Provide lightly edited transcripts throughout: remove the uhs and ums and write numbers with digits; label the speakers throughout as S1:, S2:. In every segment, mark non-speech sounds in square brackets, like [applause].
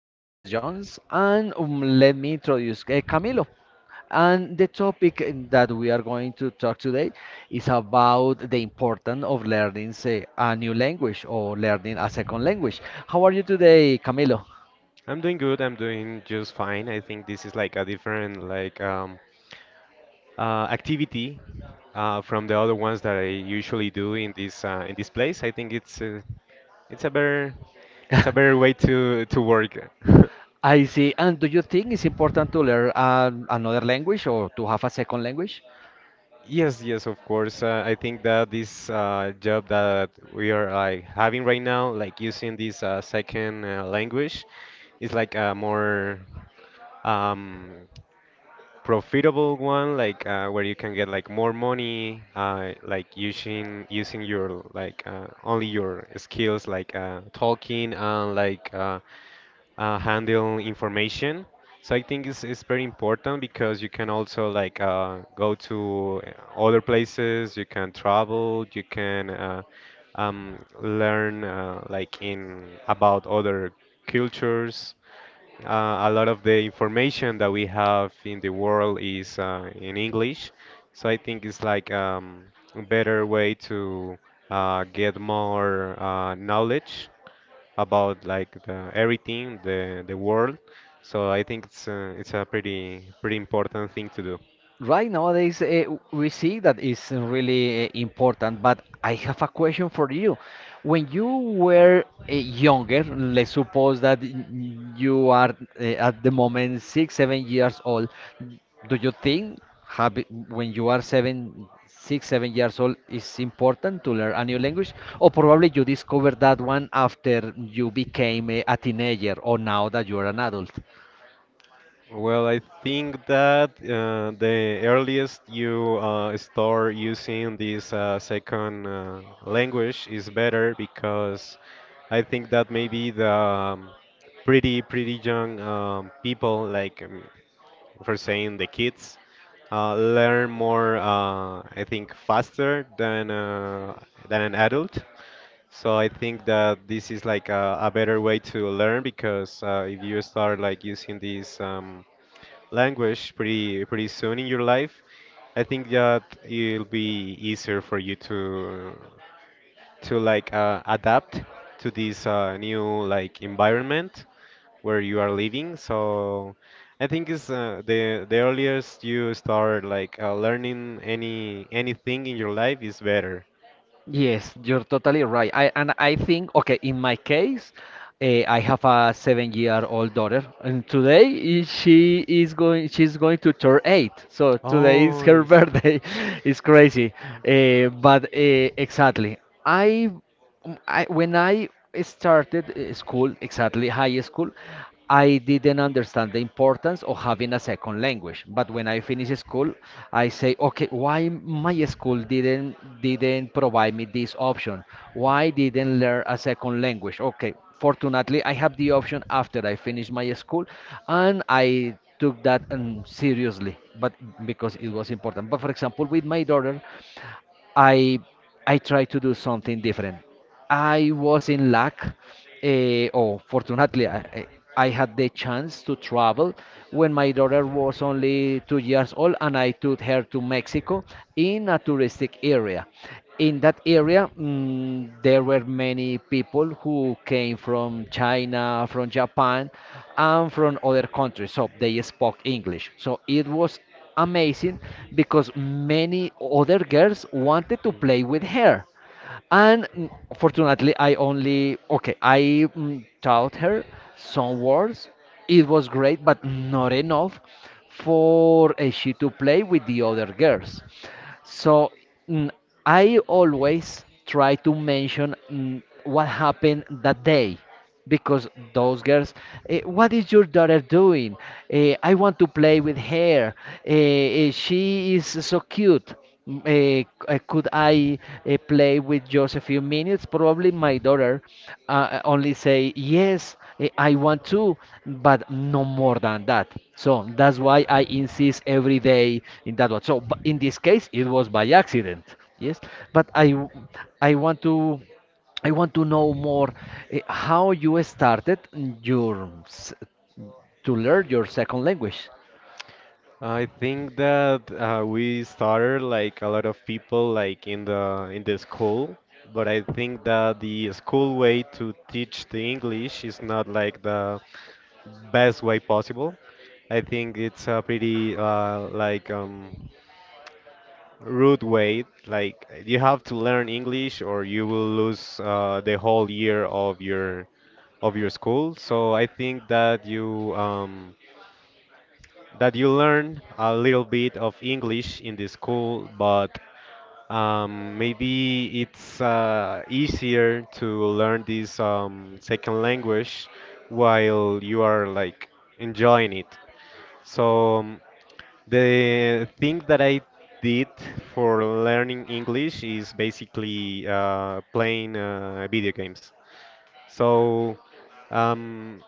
S1: and this is Jones. And let me introduce Camilo. And the topic that we are going to talk today is about the importance of learning, say, a new language or learning a second language. How are you today, Camilo?
S2: I'm doing good. I'm doing just fine. I think this is like a different activity from the other ones that I usually do in this place. I think it's a better it's a better way to work. [laughs]
S1: I see. And do you think it's important to learn another language or to have a second language?
S2: Yes, yes, of course. I think that this job that we are like having right now, like using this second language, is like a more um, profitable one, like where you can get like more money, like using your only your skills, like talking and handle information. So I think it's very important because you can also go to other places, you can travel, you can learn like in about other cultures. A lot of the information that we have in the world is in English, so I think it's like a better way to get more knowledge about everything, the world. So I think it's a pretty important thing to do.
S1: Right nowadays, we see that is really important, but I have a question for you. When you were younger, let's suppose that you are at the moment six, 7 years old, do you think when you are seven, six, 7 years old, it's important to learn a new language? Or probably you discovered that one after you became a teenager or now that you are an adult?
S2: Well, I think that the earliest you start using this second language is better because I think that maybe the pretty young people, for saying the kids, learn more. I think faster than an adult. So I think that this is like a better way to learn because if you start like using these. Language pretty soon in your life, I think that it'll be easier for you to like adapt to this new like environment where you are living. So I think it's the earliest you start like learning anything in your life is better.
S1: Yes, you're totally right. I think okay, in my case, I have a seven-year-old daughter, and she is going to turn eight. So today is
S2: Oh,
S1: her [laughs]
S2: it's
S1: birthday. It's crazy, but exactly. I when I started school, exactly high school, I didn't understand the importance of having a second language. But when I finish school, I say, okay, why my school didn't provide me this option? Why didn't learn a second language? Okay, fortunately, I have the option after I finish my school, and I took that seriously, but because it was important. But for example, with my daughter, I I tried to do something different. I was in luck, or fortunately, I had the chance to travel when my daughter was only 2 years old, and I took her to Mexico in a touristic area. In that area, there were many people who came from China, from Japan, and from other countries, so they spoke English. So it was amazing because many other girls wanted to
S2: Hmm.
S1: play with her. And fortunately, I only, okay, I taught her some words. It was great, but not enough for she to play with the other girls. So mm, I always try to mention what happened that day because those girls what is your daughter doing? I want to play with her. She is so cute. Could I play with just a few minutes? Probably my daughter only say yes. I want to, but no more than that. So that's why I insist every day in that one. So in this case it was by accident, yes. but I w- I want to I want to know more, how you started your s- to learn your second language.
S2: I think that we started like a lot of people like in the school, but I think that the school way to teach the English is not like the best way possible. I think it's a pretty rude way. Like you have to learn English, or you will lose the whole year of your school. So I think that you learn a little bit of English in the school, but maybe it's easier to learn this second language while you are like enjoying it. So the thing that I did for learning English is basically playing video games. So um,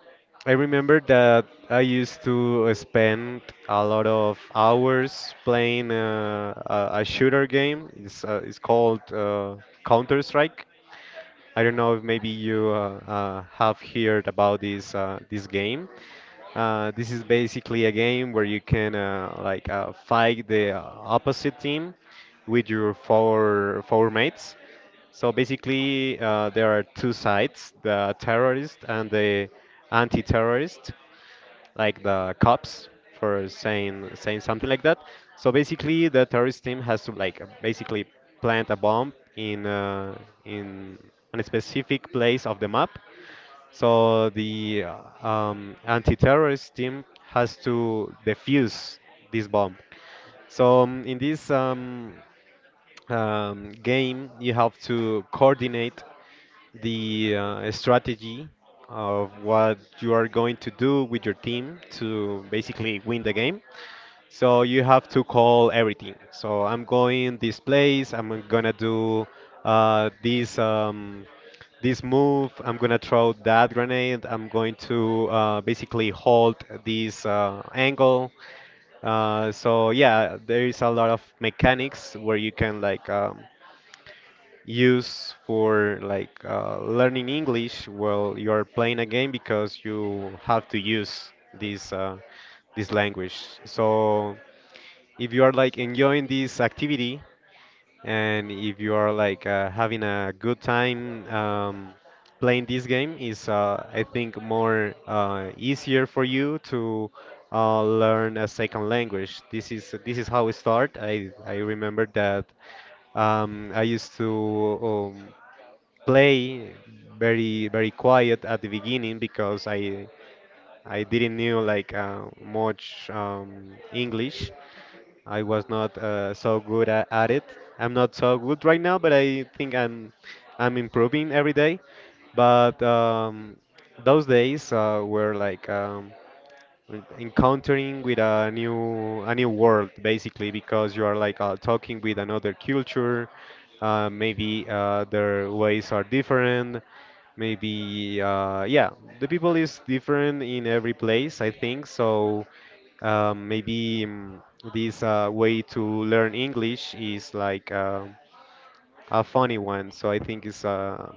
S2: I remember that I used to spend a lot of hours playing a shooter game. It's called Counter Strike. I don't know if maybe you have heard about this game. This is basically a game where you can fight the opposite team with your four mates. So basically, there are two sides: the terrorist and the anti-terrorist like the cops for saying something like that. So basically, the terrorist team has to like basically plant a bomb in a specific place of the map. So the anti-terrorist team has to defuse this bomb. So in this game, you have to coordinate the strategy of what you are going to do with your team to basically win the game. So you have to call everything. So I'm going this place. I'm gonna do uh, this um, this move. I'm gonna throw that grenade. I'm going to basically hold this angle. So yeah, there is a lot of mechanics where you can use for like learning English while you are playing a game because you have to use this this language. So if you are like enjoying this activity and if you are like having a good time playing this game, is I think more easier for you to learn a second language. This is how it start. I remember that. I used to um, play very quiet at the beginning because I didn't knew like much English. I was not so good at it. I'm not so good right now, but I think I'm improving every day. But those days were like encountering with a new world basically because you are like talking with another culture maybe their ways are different maybe yeah the people is different in every place I think so maybe this way to learn english is like a funny one so I think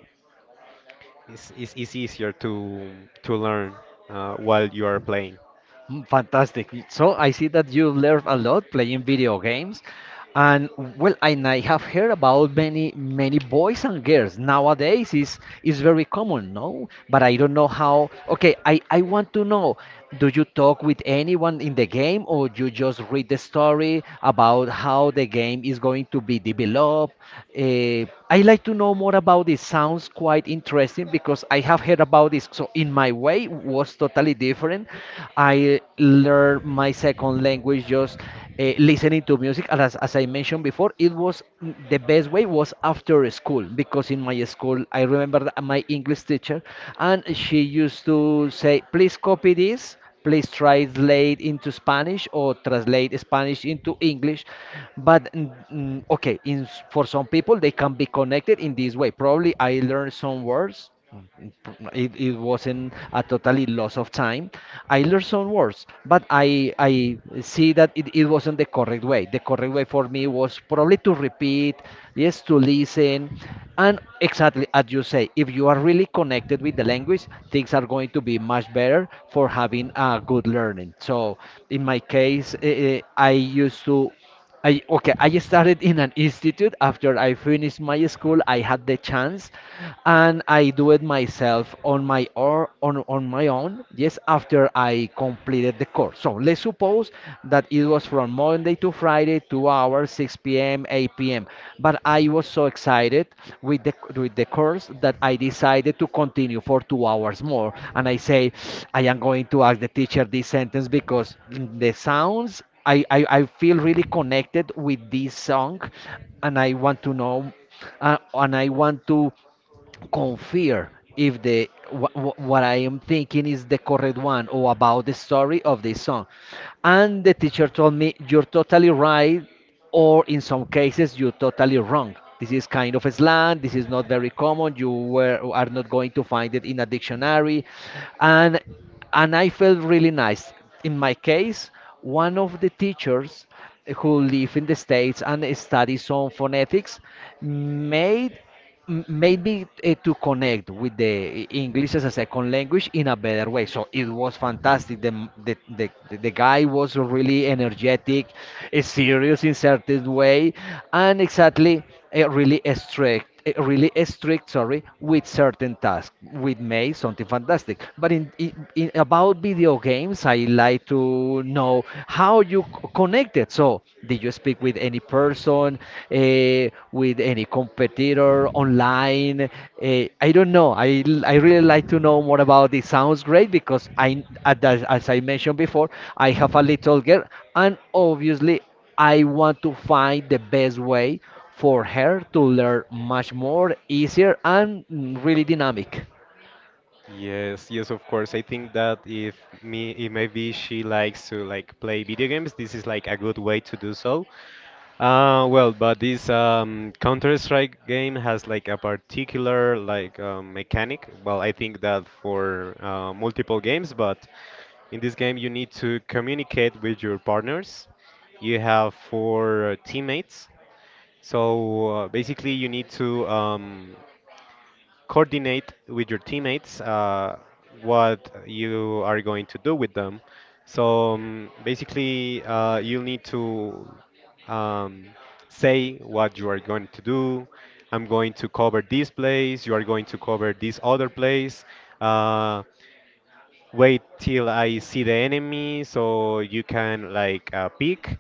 S2: it's easier to learn while you are playing.
S1: Fantastic. So I see that you learn a lot playing video games. And well, and I have heard about many boys and girls nowadays is very common, no? But I don't know how. Okay, I want to know. Do you talk with anyone in the game, or you just read the story about how the game is going to be developed? Uh, I like to know more about this. Sounds quite interesting because I have heard about this. So in my way, was totally different. I learned my second language just listening to music. And as I mentioned before, it was the best way was after school because in my school, I remember that my English teacher and she used to say, please copy this, please translate into Spanish or translate Spanish into English. But okay, for some people, they can be connected in this way. Probably I learned some words. It, it wasn't a totally loss of time. I learned some words, but I see that it wasn't the correct way. The correct way for me was probably to repeat, yes, to listen, and exactly as you say, if you are really connected with the language, things are going to be much better for having a good learning. So in my case, I used to I okay, I started in an institute after I finished my school. I had the chance and I do it myself on my own. Yes, after I completed the course. So Let's suppose that it was from Monday to Friday, 2 hours, 6 p.m., 8 p.m. But I was so excited with the course that I decided to continue for 2 hours more. And I say, I am going to ask the teacher this sentence because the sounds I feel really connected with this song and I want to know, and I want to confirm if the what I am thinking is the correct one or about the story of this song. And the teacher told me, you're totally right, or in some cases, you're totally wrong. This is kind of a slang, this is not very common, are not going to find it in a dictionary. And, and I felt really nice. In my case, one of the teachers who live in the States and study some phonetics made, maybe to connect with the English as a second language in a better way. So it was fantastic. The guy was really energetic, serious in certain way, and exactly really strict. Really strict, sorry, with certain tasks. With May, something fantastic. But in about video games, I like to know how you connected. So, did you speak with any person, uh, with any competitor online? I don't know. I really like to know more about this. Sounds great because I, as I mentioned before, I have a little girl, and obviously, I want to find the best way for her to learn much more easier and really dynamic.
S2: Yes, yes, of course. I think that if me, if maybe she likes to like play video games, this is like a good way to do so. Well, but this Counter-Strike game has like a particular mechanic. Well, I think that for multiple games, but in this game you need to communicate with your partners. You have four teammates, so basically you need to coordinate with your teammates what you are going to do with them. So basically, you'll need to um, say what you are going to do. I'm going to cover this place. You are going to cover this other place. Uh, Wait till I see the enemy so you can like peek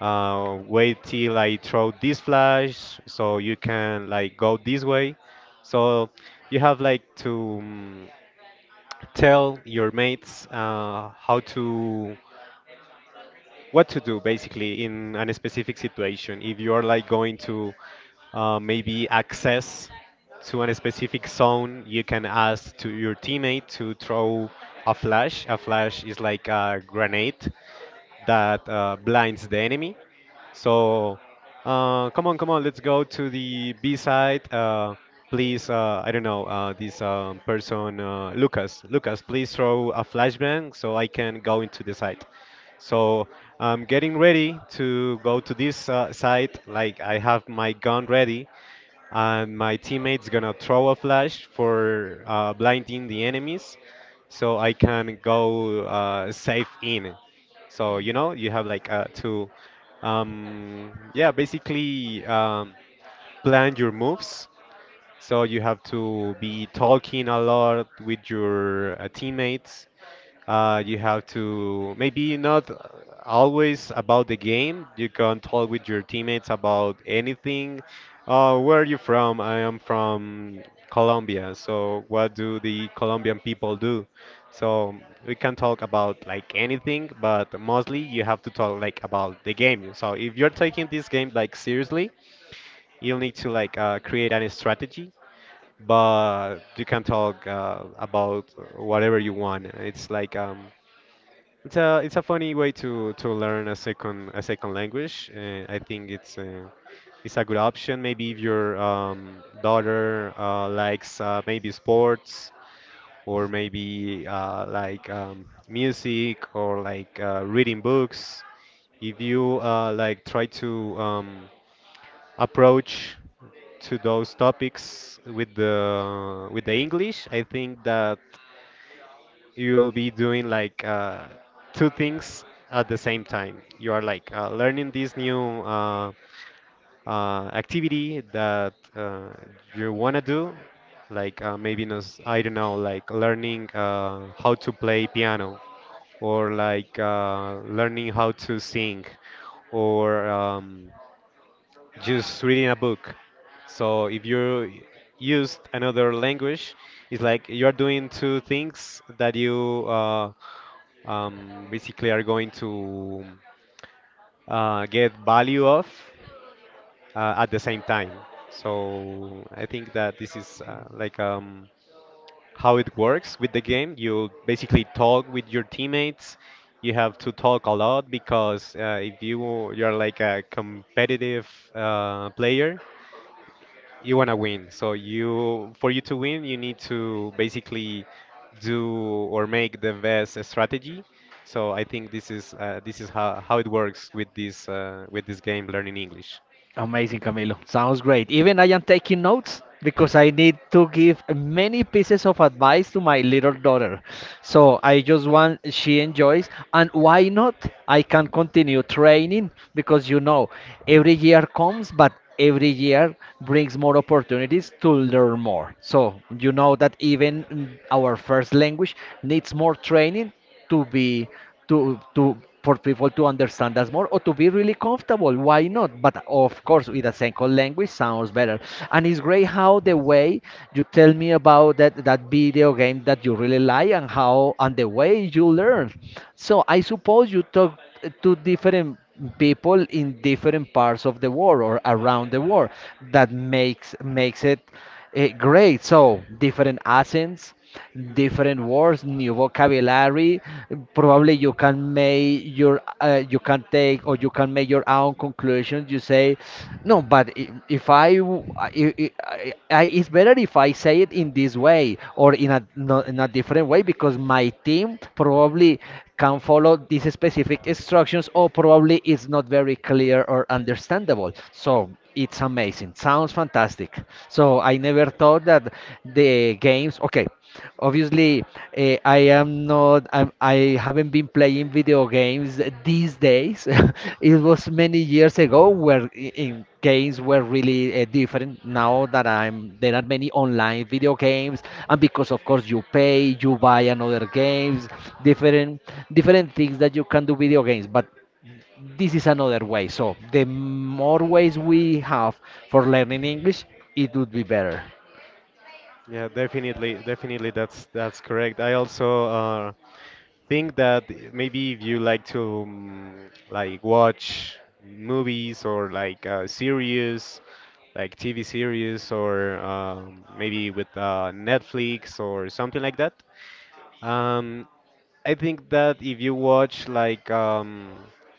S2: wait till I throw this flash so you can like go this way. So you have like to tell your mates how to what to do basically in a specific situation. If you are like going to maybe access to a specific zone, you can ask to your teammate to throw a flash. A flash is like a grenade that blinds the enemy. So, come on, come on, let's go to the B side. Please, I don't know, this person, Lucas, please throw a flashbang so I can go into the site. So, I'm getting ready to go to this site. Like, I have my gun ready and my teammate's gonna throw a flash for blinding the enemies so I can go safe in. So you know you have like to yeah basically plan your moves. So you have to be talking a lot with your teammates you have to maybe not always about the game. You can talk with your teammates about anything. Where are you from? I am from Colombia. So what do the Colombian people do? So we can talk about like anything, but mostly you have to talk like about the game. So if you're taking this game like seriously, you'll need to like create a strategy but you can talk about whatever you want. It's like it's a funny way to learn a second language. I think it's a good option. Maybe if your daughter likes maybe sports or maybe music or like reading books. If you like try to approach to those topics with the English, I think that you'll be doing like two things at the same time. You are like learning this new activity that you want to do, like maybe nos, I don't know, like learning how to play piano or like learning how to sing or just reading a book. So if you used another language, it's like you are doing two things that you basically are going to get value of at the same time. So I think that this is like how it works with the game. You basically talk with your teammates. You have to talk a lot because if you're like a competitive player, you want to win. So you for you to win, you need to basically do or make the best strategy. So I think this is how it works with this game learning English.
S1: Amazing, Camilo. Sounds great. Even I am taking notes because I need to give many pieces of advice to my little daughter. So I just want she enjoys, and why not? I can continue training because you know every year comes, but every year brings more opportunities to learn more. So you know that even our first language needs more training to be to for people to understand us more or to be really comfortable, why not, but of course with a single language sounds better. And it's great how the way you tell me about that video game that you really like and how and the way you learn. So I suppose you talk to different people in different parts of the world or around the world. That makes it great. So different accents, different words, new vocabulary. Probably you can make your you can take or you can make your own conclusions. You say no, but if I, w- I- it's better if I say it in this way or in a, no, in a different way because my team probably can follow these specific instructions or probably it's not very clear or understandable. So it's amazing. Sounds fantastic. So I never thought that the games. Okay, obviously, I am not, I haven't been playing video games these days. [laughs] It was many years ago where in games were really different. Now that I'm, there are many online video games, and because of course you pay, you buy another games, different, different things that you can do video games. But this is another way. So the more ways we have for learning English, it would be better.
S2: Yeah, definitely, definitely that's correct. I also think that maybe if you like to like watch movies or like series like TV series or maybe with Netflix or something like that. Um, I think that if you watch like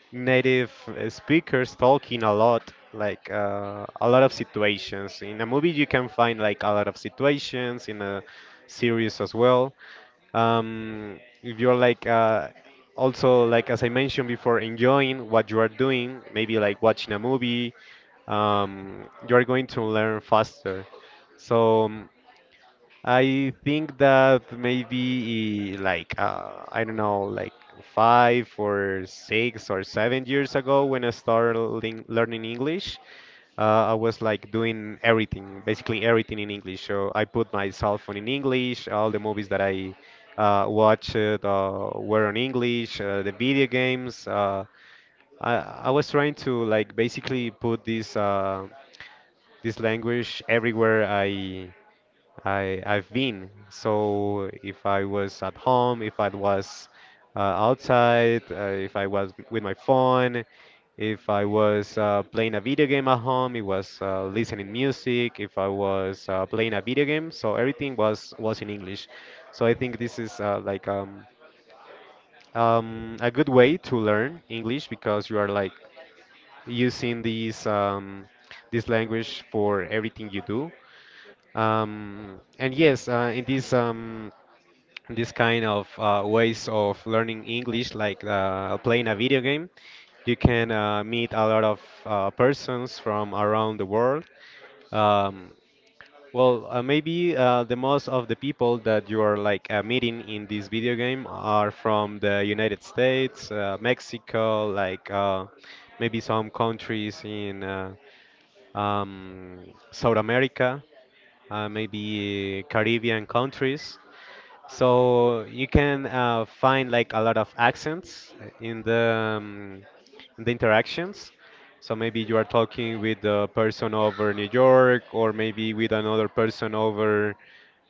S2: native speakers talking a lot, like a lot of situations in a movie, you can find like a lot of situations in a series as well. If you're like also, like as I mentioned before, enjoying what you are doing, maybe like watching a movie, you are going to learn faster. So, I think that maybe like I don't know, like 5 or 6 or 7 years ago when I started learning English. I was like doing everything, basically everything in English. So I put my cell phone in English, all the movies that I watched were in English, the video games. I, I was trying to like basically put this language everywhere I've been. So if I was at home, if I was outside, if I was with my phone, if I was playing a video game at home, it was listening music. If I was playing a video game, so everything was in English. So I think this is like a good way to learn English because you are like using these this language for everything you do. And yes, in this kind of ways of learning English, like playing a video game, you can meet a lot of persons from around the world. Um, well, maybe the most of the people that you are like meeting in this video game are from the United States, Mexico, like maybe some countries in um, South America, maybe Caribbean countries. So you can find like a lot of accents in the interactions. So maybe you are talking with a person over New York, or maybe with another person over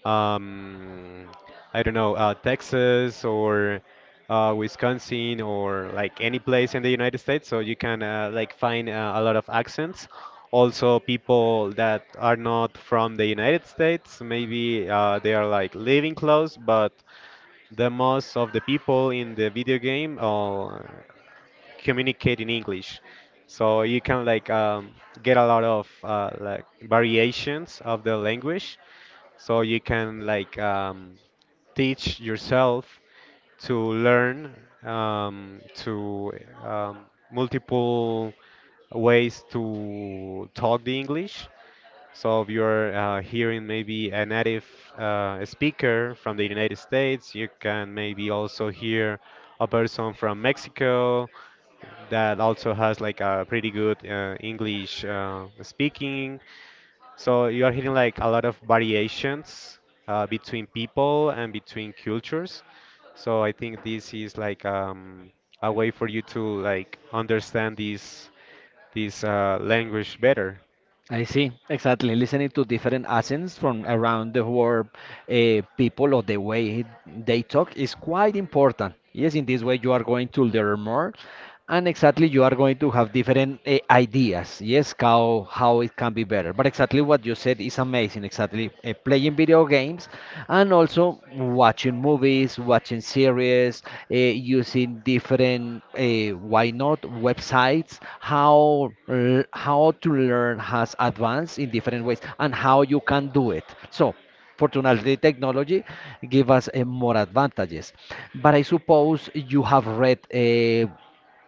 S2: um, I don't know, Texas or Wisconsin or like any place in the United States. So you can like find a lot of accents. Also, people that are not from the United States, maybe they are like living close, but the most of the people in the video game all communicate in English. So you can like get a lot of like variations of the language. So you can like teach yourself to learn to multiple ways to talk the English. So if you're hearing maybe a native speaker from the United States, you can maybe also hear a person from Mexico that also has like a pretty good English speaking. So you are hearing like a lot of variations between people and between cultures. So I think this is like a way for you to like understand this language better.
S1: I see, exactly. Listening to different accents from around the world, people or the way they talk is quite important. Yes, in this way you are going to learn more, and exactly you are going to have different ideas. Yes, how it can be better. But exactly what you said is amazing. Exactly, playing video games and also watching movies, watching series, using different, why not, websites, how, how to learn has advanced in different ways and how you can do it. So, fortunately, technology give us more advantages. But I suppose you have read.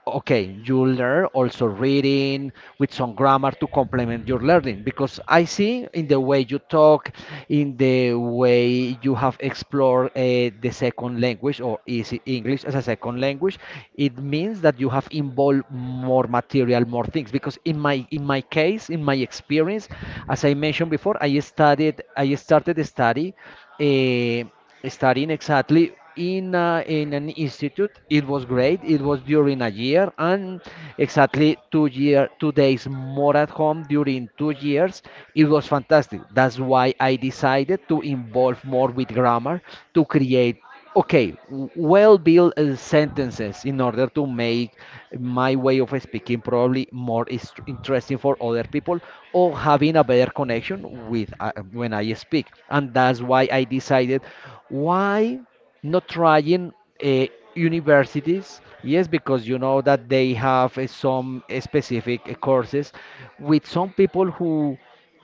S1: Okay, you learn also reading with some grammar to complement your learning because I see in the way you talk, in the way you have explored the second language or is it English as a second language, it means that you have involved more material, more things. Because in my case, in my experience, as I mentioned before, I started the study. Uh, Studying exactly in in an institute. It was great. It was during a year and exactly 2 year 2 days more at home during 2 years. It was fantastic. That's why I decided to involve more with grammar to create okay, well built sentences in order to make my way of speaking probably interesting for other people or having a better connection with when I speak. And that's why I decided why not trying uh, universities. Yes, because you know that they have some specific courses with some people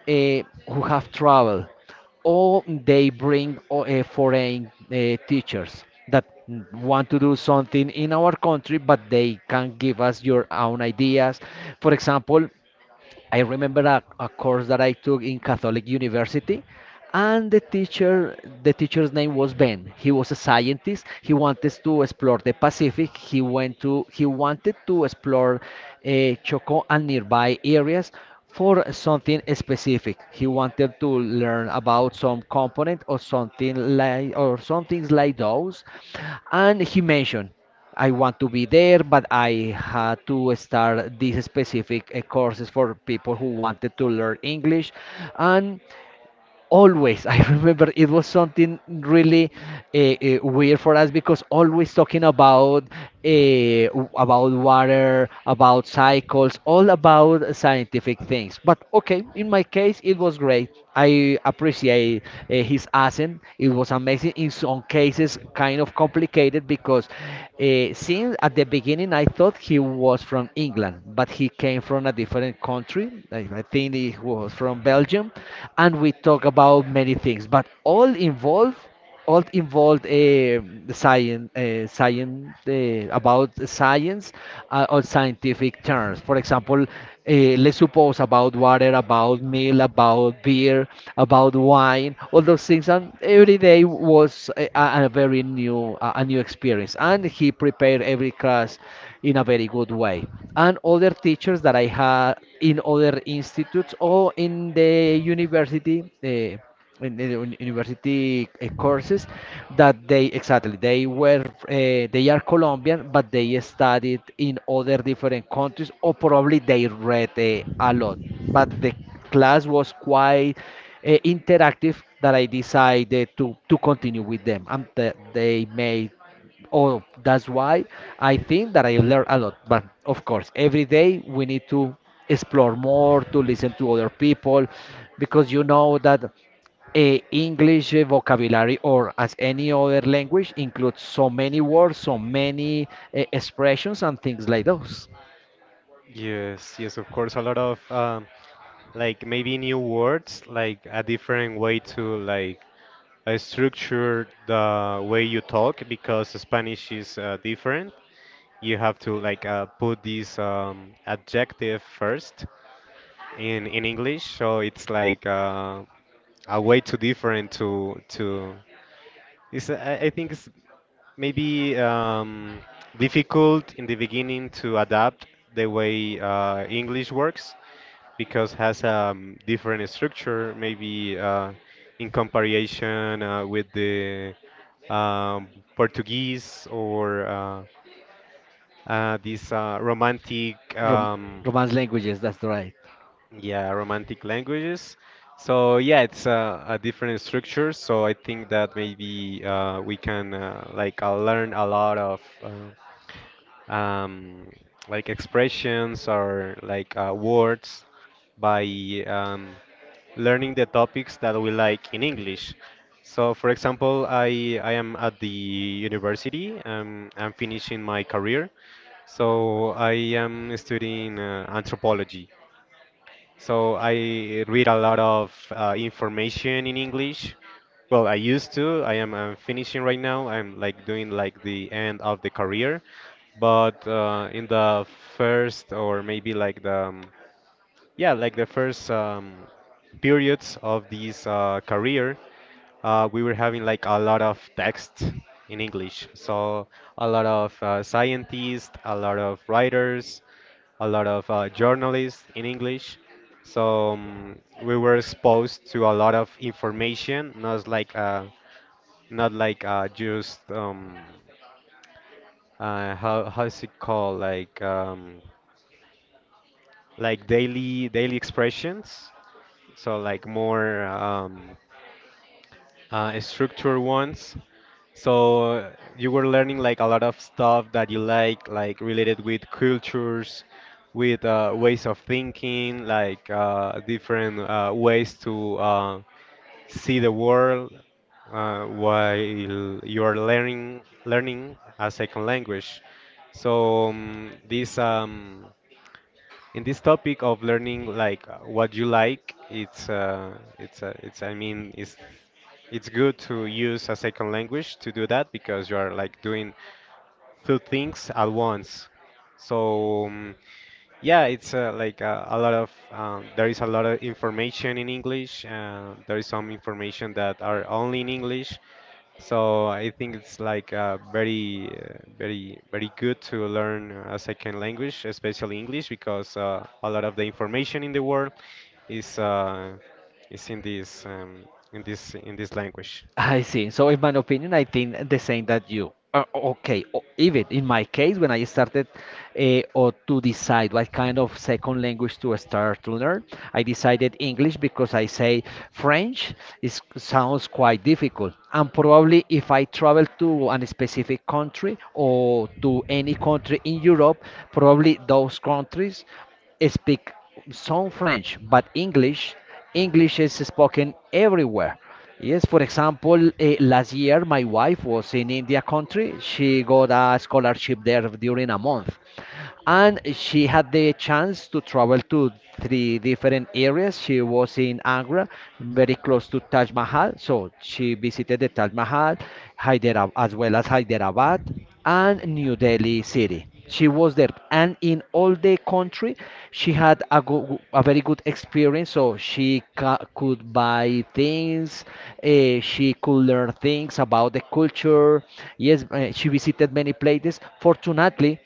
S1: uh, who have traveled or they bring foreign teachers that want to do something in our country, but they can give us your own ideas. For example, I remember a course that I took in Catholic University, and the teacher's name was Ben. He was a scientist. He wanted to explore the Pacific. He wanted to explore Choco and nearby areas for something specific. He wanted to learn about some component or something or some things like those, and he mentioned. I want to be there, but I had to start these specific courses for people who wanted to learn English. And always [laughs] I remember it was something really weird for us because always talking uh, about water, about cycles, all about scientific things. But okay, in my case it was great. I appreciate his accent. It was amazing, in some cases kind of complicated, because since at the beginning I thought he was from England, but he came from a different country. I think he was from Belgium, and we talk about many things, but all involved about science or scientific terms. For example, let's suppose, about water, about meal, about beer, about wine, all those things. And every day was a very new, a new experience. And he prepared every class in a very good way. And other teachers that I had in other institutes or in the university, university courses, that they are Colombian, but they studied in other different countries, or probably they read a lot. But the class was quite interactive, that I decided to continue with them, and they made. Oh, that's why I think that I learn a lot. But of course, every day we need to explore more, to listen to other people, because you know that a English vocabulary, or as any other language, includes so many words, so many expressions and things like those.
S2: Yes, yes, of course, a lot of like maybe new words, like a different way to like structure the way you talk because Spanish is different. You have to like put this adjective first in English, so it's like a way too different to I think it's maybe difficult in the beginning to adapt the way English works because has a different structure, maybe in comparison with the um, Portuguese or this romantic.
S1: Rom Romance languages, that's right.
S2: Yeah, Romantic languages. So yeah, it's a different structure. So I think that maybe we can like learn a lot of like expressions or like words by um, learning the topics that we like in English. So for example, I am at the university. I'm finishing my career. So I am studying anthropology. So I read a lot of information in English. Well, I used to. I am I finishing right now. I'm like doing like the end of the career, but in the first or maybe like the yeah, like the first periods of this career, we were having like a lot of text in English. So a lot of scientists, a lot of writers, a lot of journalists in English. So we were exposed to a lot of information, not like just how's it called, like daily expressions. So like more structured ones. So you were learning like a lot of stuff that you like related with cultures, with ways of thinking, like different ways to see the world while you are learning a second language. So this in this topic of learning like what you like, it's I mean, it's good to use a second language to do that because you are like doing two things at once. So yeah, it's like a lot of there is a lot of information in English. There is some information that are only in English. So I think it's like very, very, very good to learn a second language, especially English, because a lot of the information in the world is uh, is in this in this in this language.
S1: I see. So, in my opinion, I think the same that you. Okay, even in my case, when I started or to decide what kind of second language to start to learn, I decided English, because I say French is, sounds quite difficult. And probably if I travel to a specific country or to any country in Europe, probably those countries speak some French, but English, English is spoken everywhere. Yes, for example, last year my wife was in India country. She got a scholarship there during a month, and she had the chance to travel to three different areas. She was in Agra, very close to Taj Mahal, so she visited the Taj Mahal, Hyderabad, as well as Hyderabad and New Delhi city. She was there, and in all the country she had a, a very good experience. So she could buy things, she could learn things about the culture. Yes, she visited many places. Fortunately,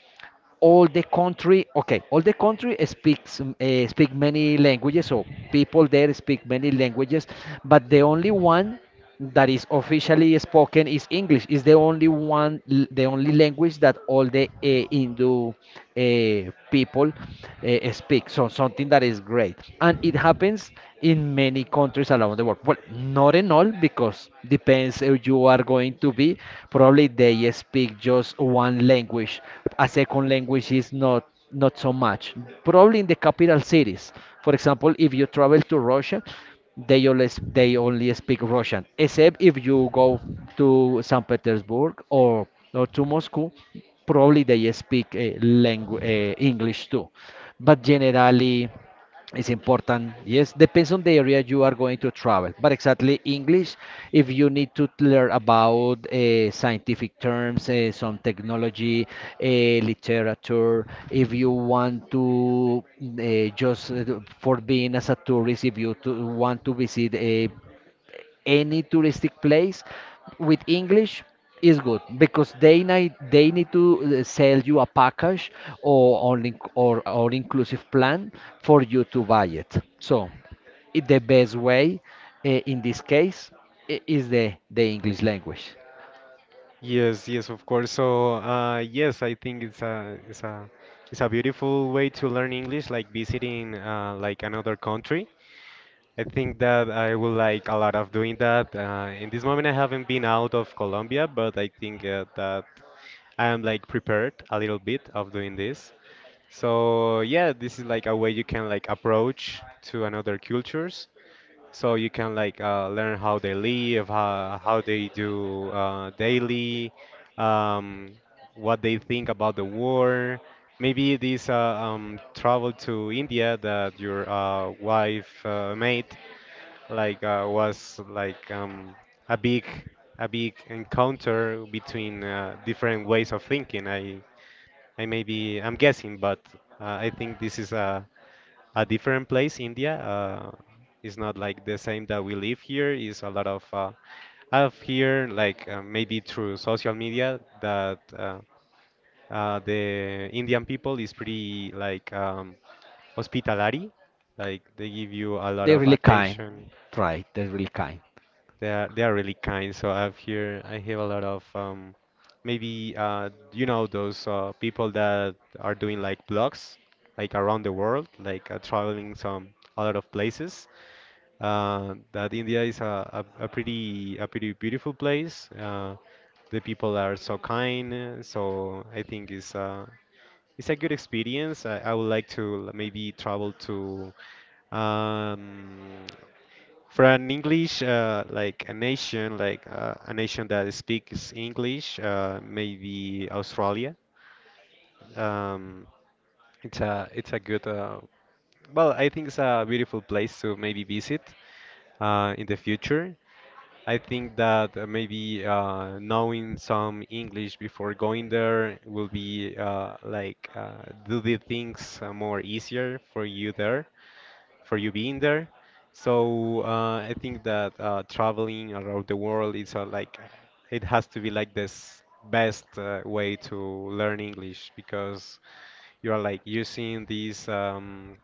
S1: all the country, okay, all the country speaks speak many languages. So people there speak many languages, but the only one that is officially spoken is English. Is the only one, the only language that all the Hindu people speak. So, something that is great. And it happens in many countries around the world. Well, not in all, because the depends if you are going to be. Probably they speak just one language. A second language is not not so much. Probably in the capital cities. For example, if you travel to Russia, they only speak Russian. Except if you go to St. Petersburg or to Moscow, probably they speak langu English too. But generally. It's important. Yes, depends on the area you are going to travel. But exactly English, if you need to learn about scientific terms, some technology, literature, if you want to just for being as a tourist, if you to want to visit a any touristic place, with English is good, because they need to sell you a package or all inclusive plan for you to buy it. So, the best way in this case is the English language.
S2: Yes, yes, of course. So, yes, I think it's a beautiful way to learn English, like visiting like another country. I think that I would like a lot of doing that. In this moment, I haven't been out of Colombia, but I think that I am like prepared a little bit of doing this. So yeah, this is like a way you can like approach to another cultures, so you can like learn how they live, how they do daily, um, what they think about the war. Maybe this travel to India that your wife made was like a big a big encounter between different ways of thinking. I maybe I'm guessing, but I think this is a different place, India. It's not like the same that we live here. Is a lot of out here, like maybe through social media, that the Indian people is pretty like hospitality. Like they give you a lot
S1: They're
S2: of
S1: really kind.
S2: attention.
S1: Right, they're really kind.
S2: They are really kind. So out here, I have a lot of maybe you know those people that are doing like blogs like around the world, like traveling some a lot of places. That India is a pretty beautiful place. The people are so kind, so I think it's a good experience. I would like to maybe travel to um, for an English like a nation, like a nation that speaks English, maybe Australia. Um, it's a good well, I think it's a beautiful place to maybe visit in the future. I think that maybe knowing some English before going there will be like do the things more easier for you there, for you being there. So I think that traveling around the world is like it has to be like this best way to learn English because you are like using this um,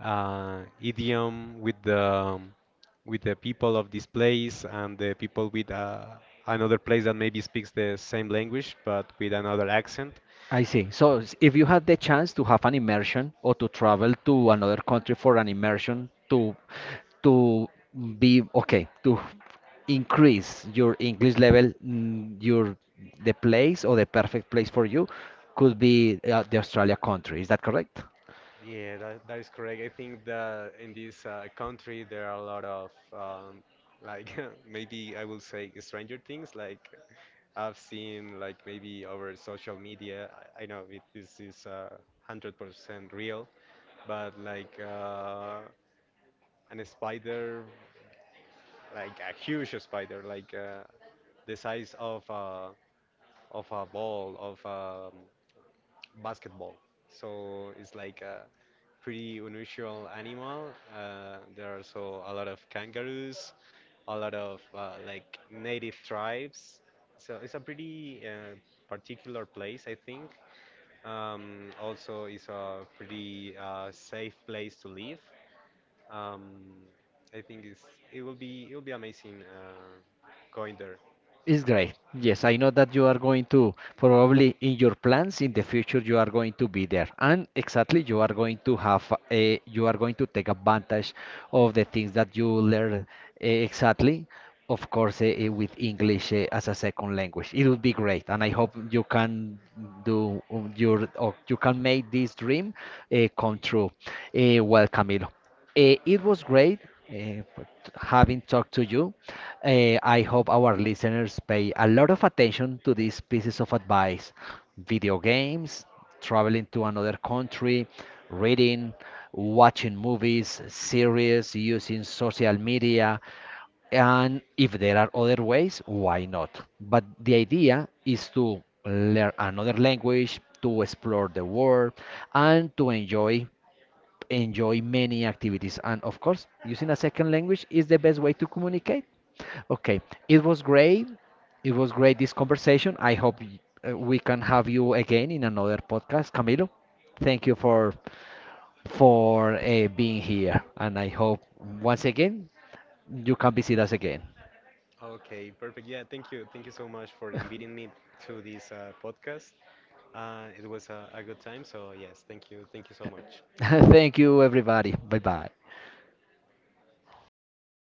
S2: uh, idiom with the people of this place and the people with another place that maybe speaks the same language but with another accent.
S1: I see. So, if you had the chance to have an immersion or to travel to another country for an immersion to be okay, to increase your English level, mm, your the place or the perfect place for you could be the Australia country. Is that correct?
S2: Yeah, that is correct. I think that in this country there are a lot of like [laughs] maybe I will say stranger things. Like I've seen like maybe over social media. I know it, this is 100% real, but like an spider, like a huge spider, like the size of a ball of a basketball. So it's like a pretty unusual animal. There are also a lot of kangaroos, a lot of like native tribes. So it's a pretty particular place, I think. Also, it's a pretty safe place to live. Um, I think it will be amazing going there.
S1: It's great. Yes, I know that you are going to probably in your plans in the future you are going to be there. And exactly you are going to have a, you are going to take advantage of the things that you learn, exactly. Of course, with English as a second language, it would be great, and I hope you can do you can make this dream come true. Well, Camilo. It was great having talked to you. I hope our listeners pay a lot of attention to these pieces of advice: video games, traveling to another country, reading, watching movies, series, using social media. And if there are other ways, why not? But the idea is to learn another language, to explore the world, and to enjoy many activities. And of course, using a second language is the best way to communicate. Okay, it was great. It was great this conversation. I hope we can have you again in another podcast, Camilo. Thank you for being here, and I hope once again you can visit us again.
S2: Okay, perfect. Yeah, thank you. Thank you so much for inviting me to this podcast. It was a good time. So yes, thank you. Thank you so much.
S1: [laughs] Thank you, everybody. Bye bye.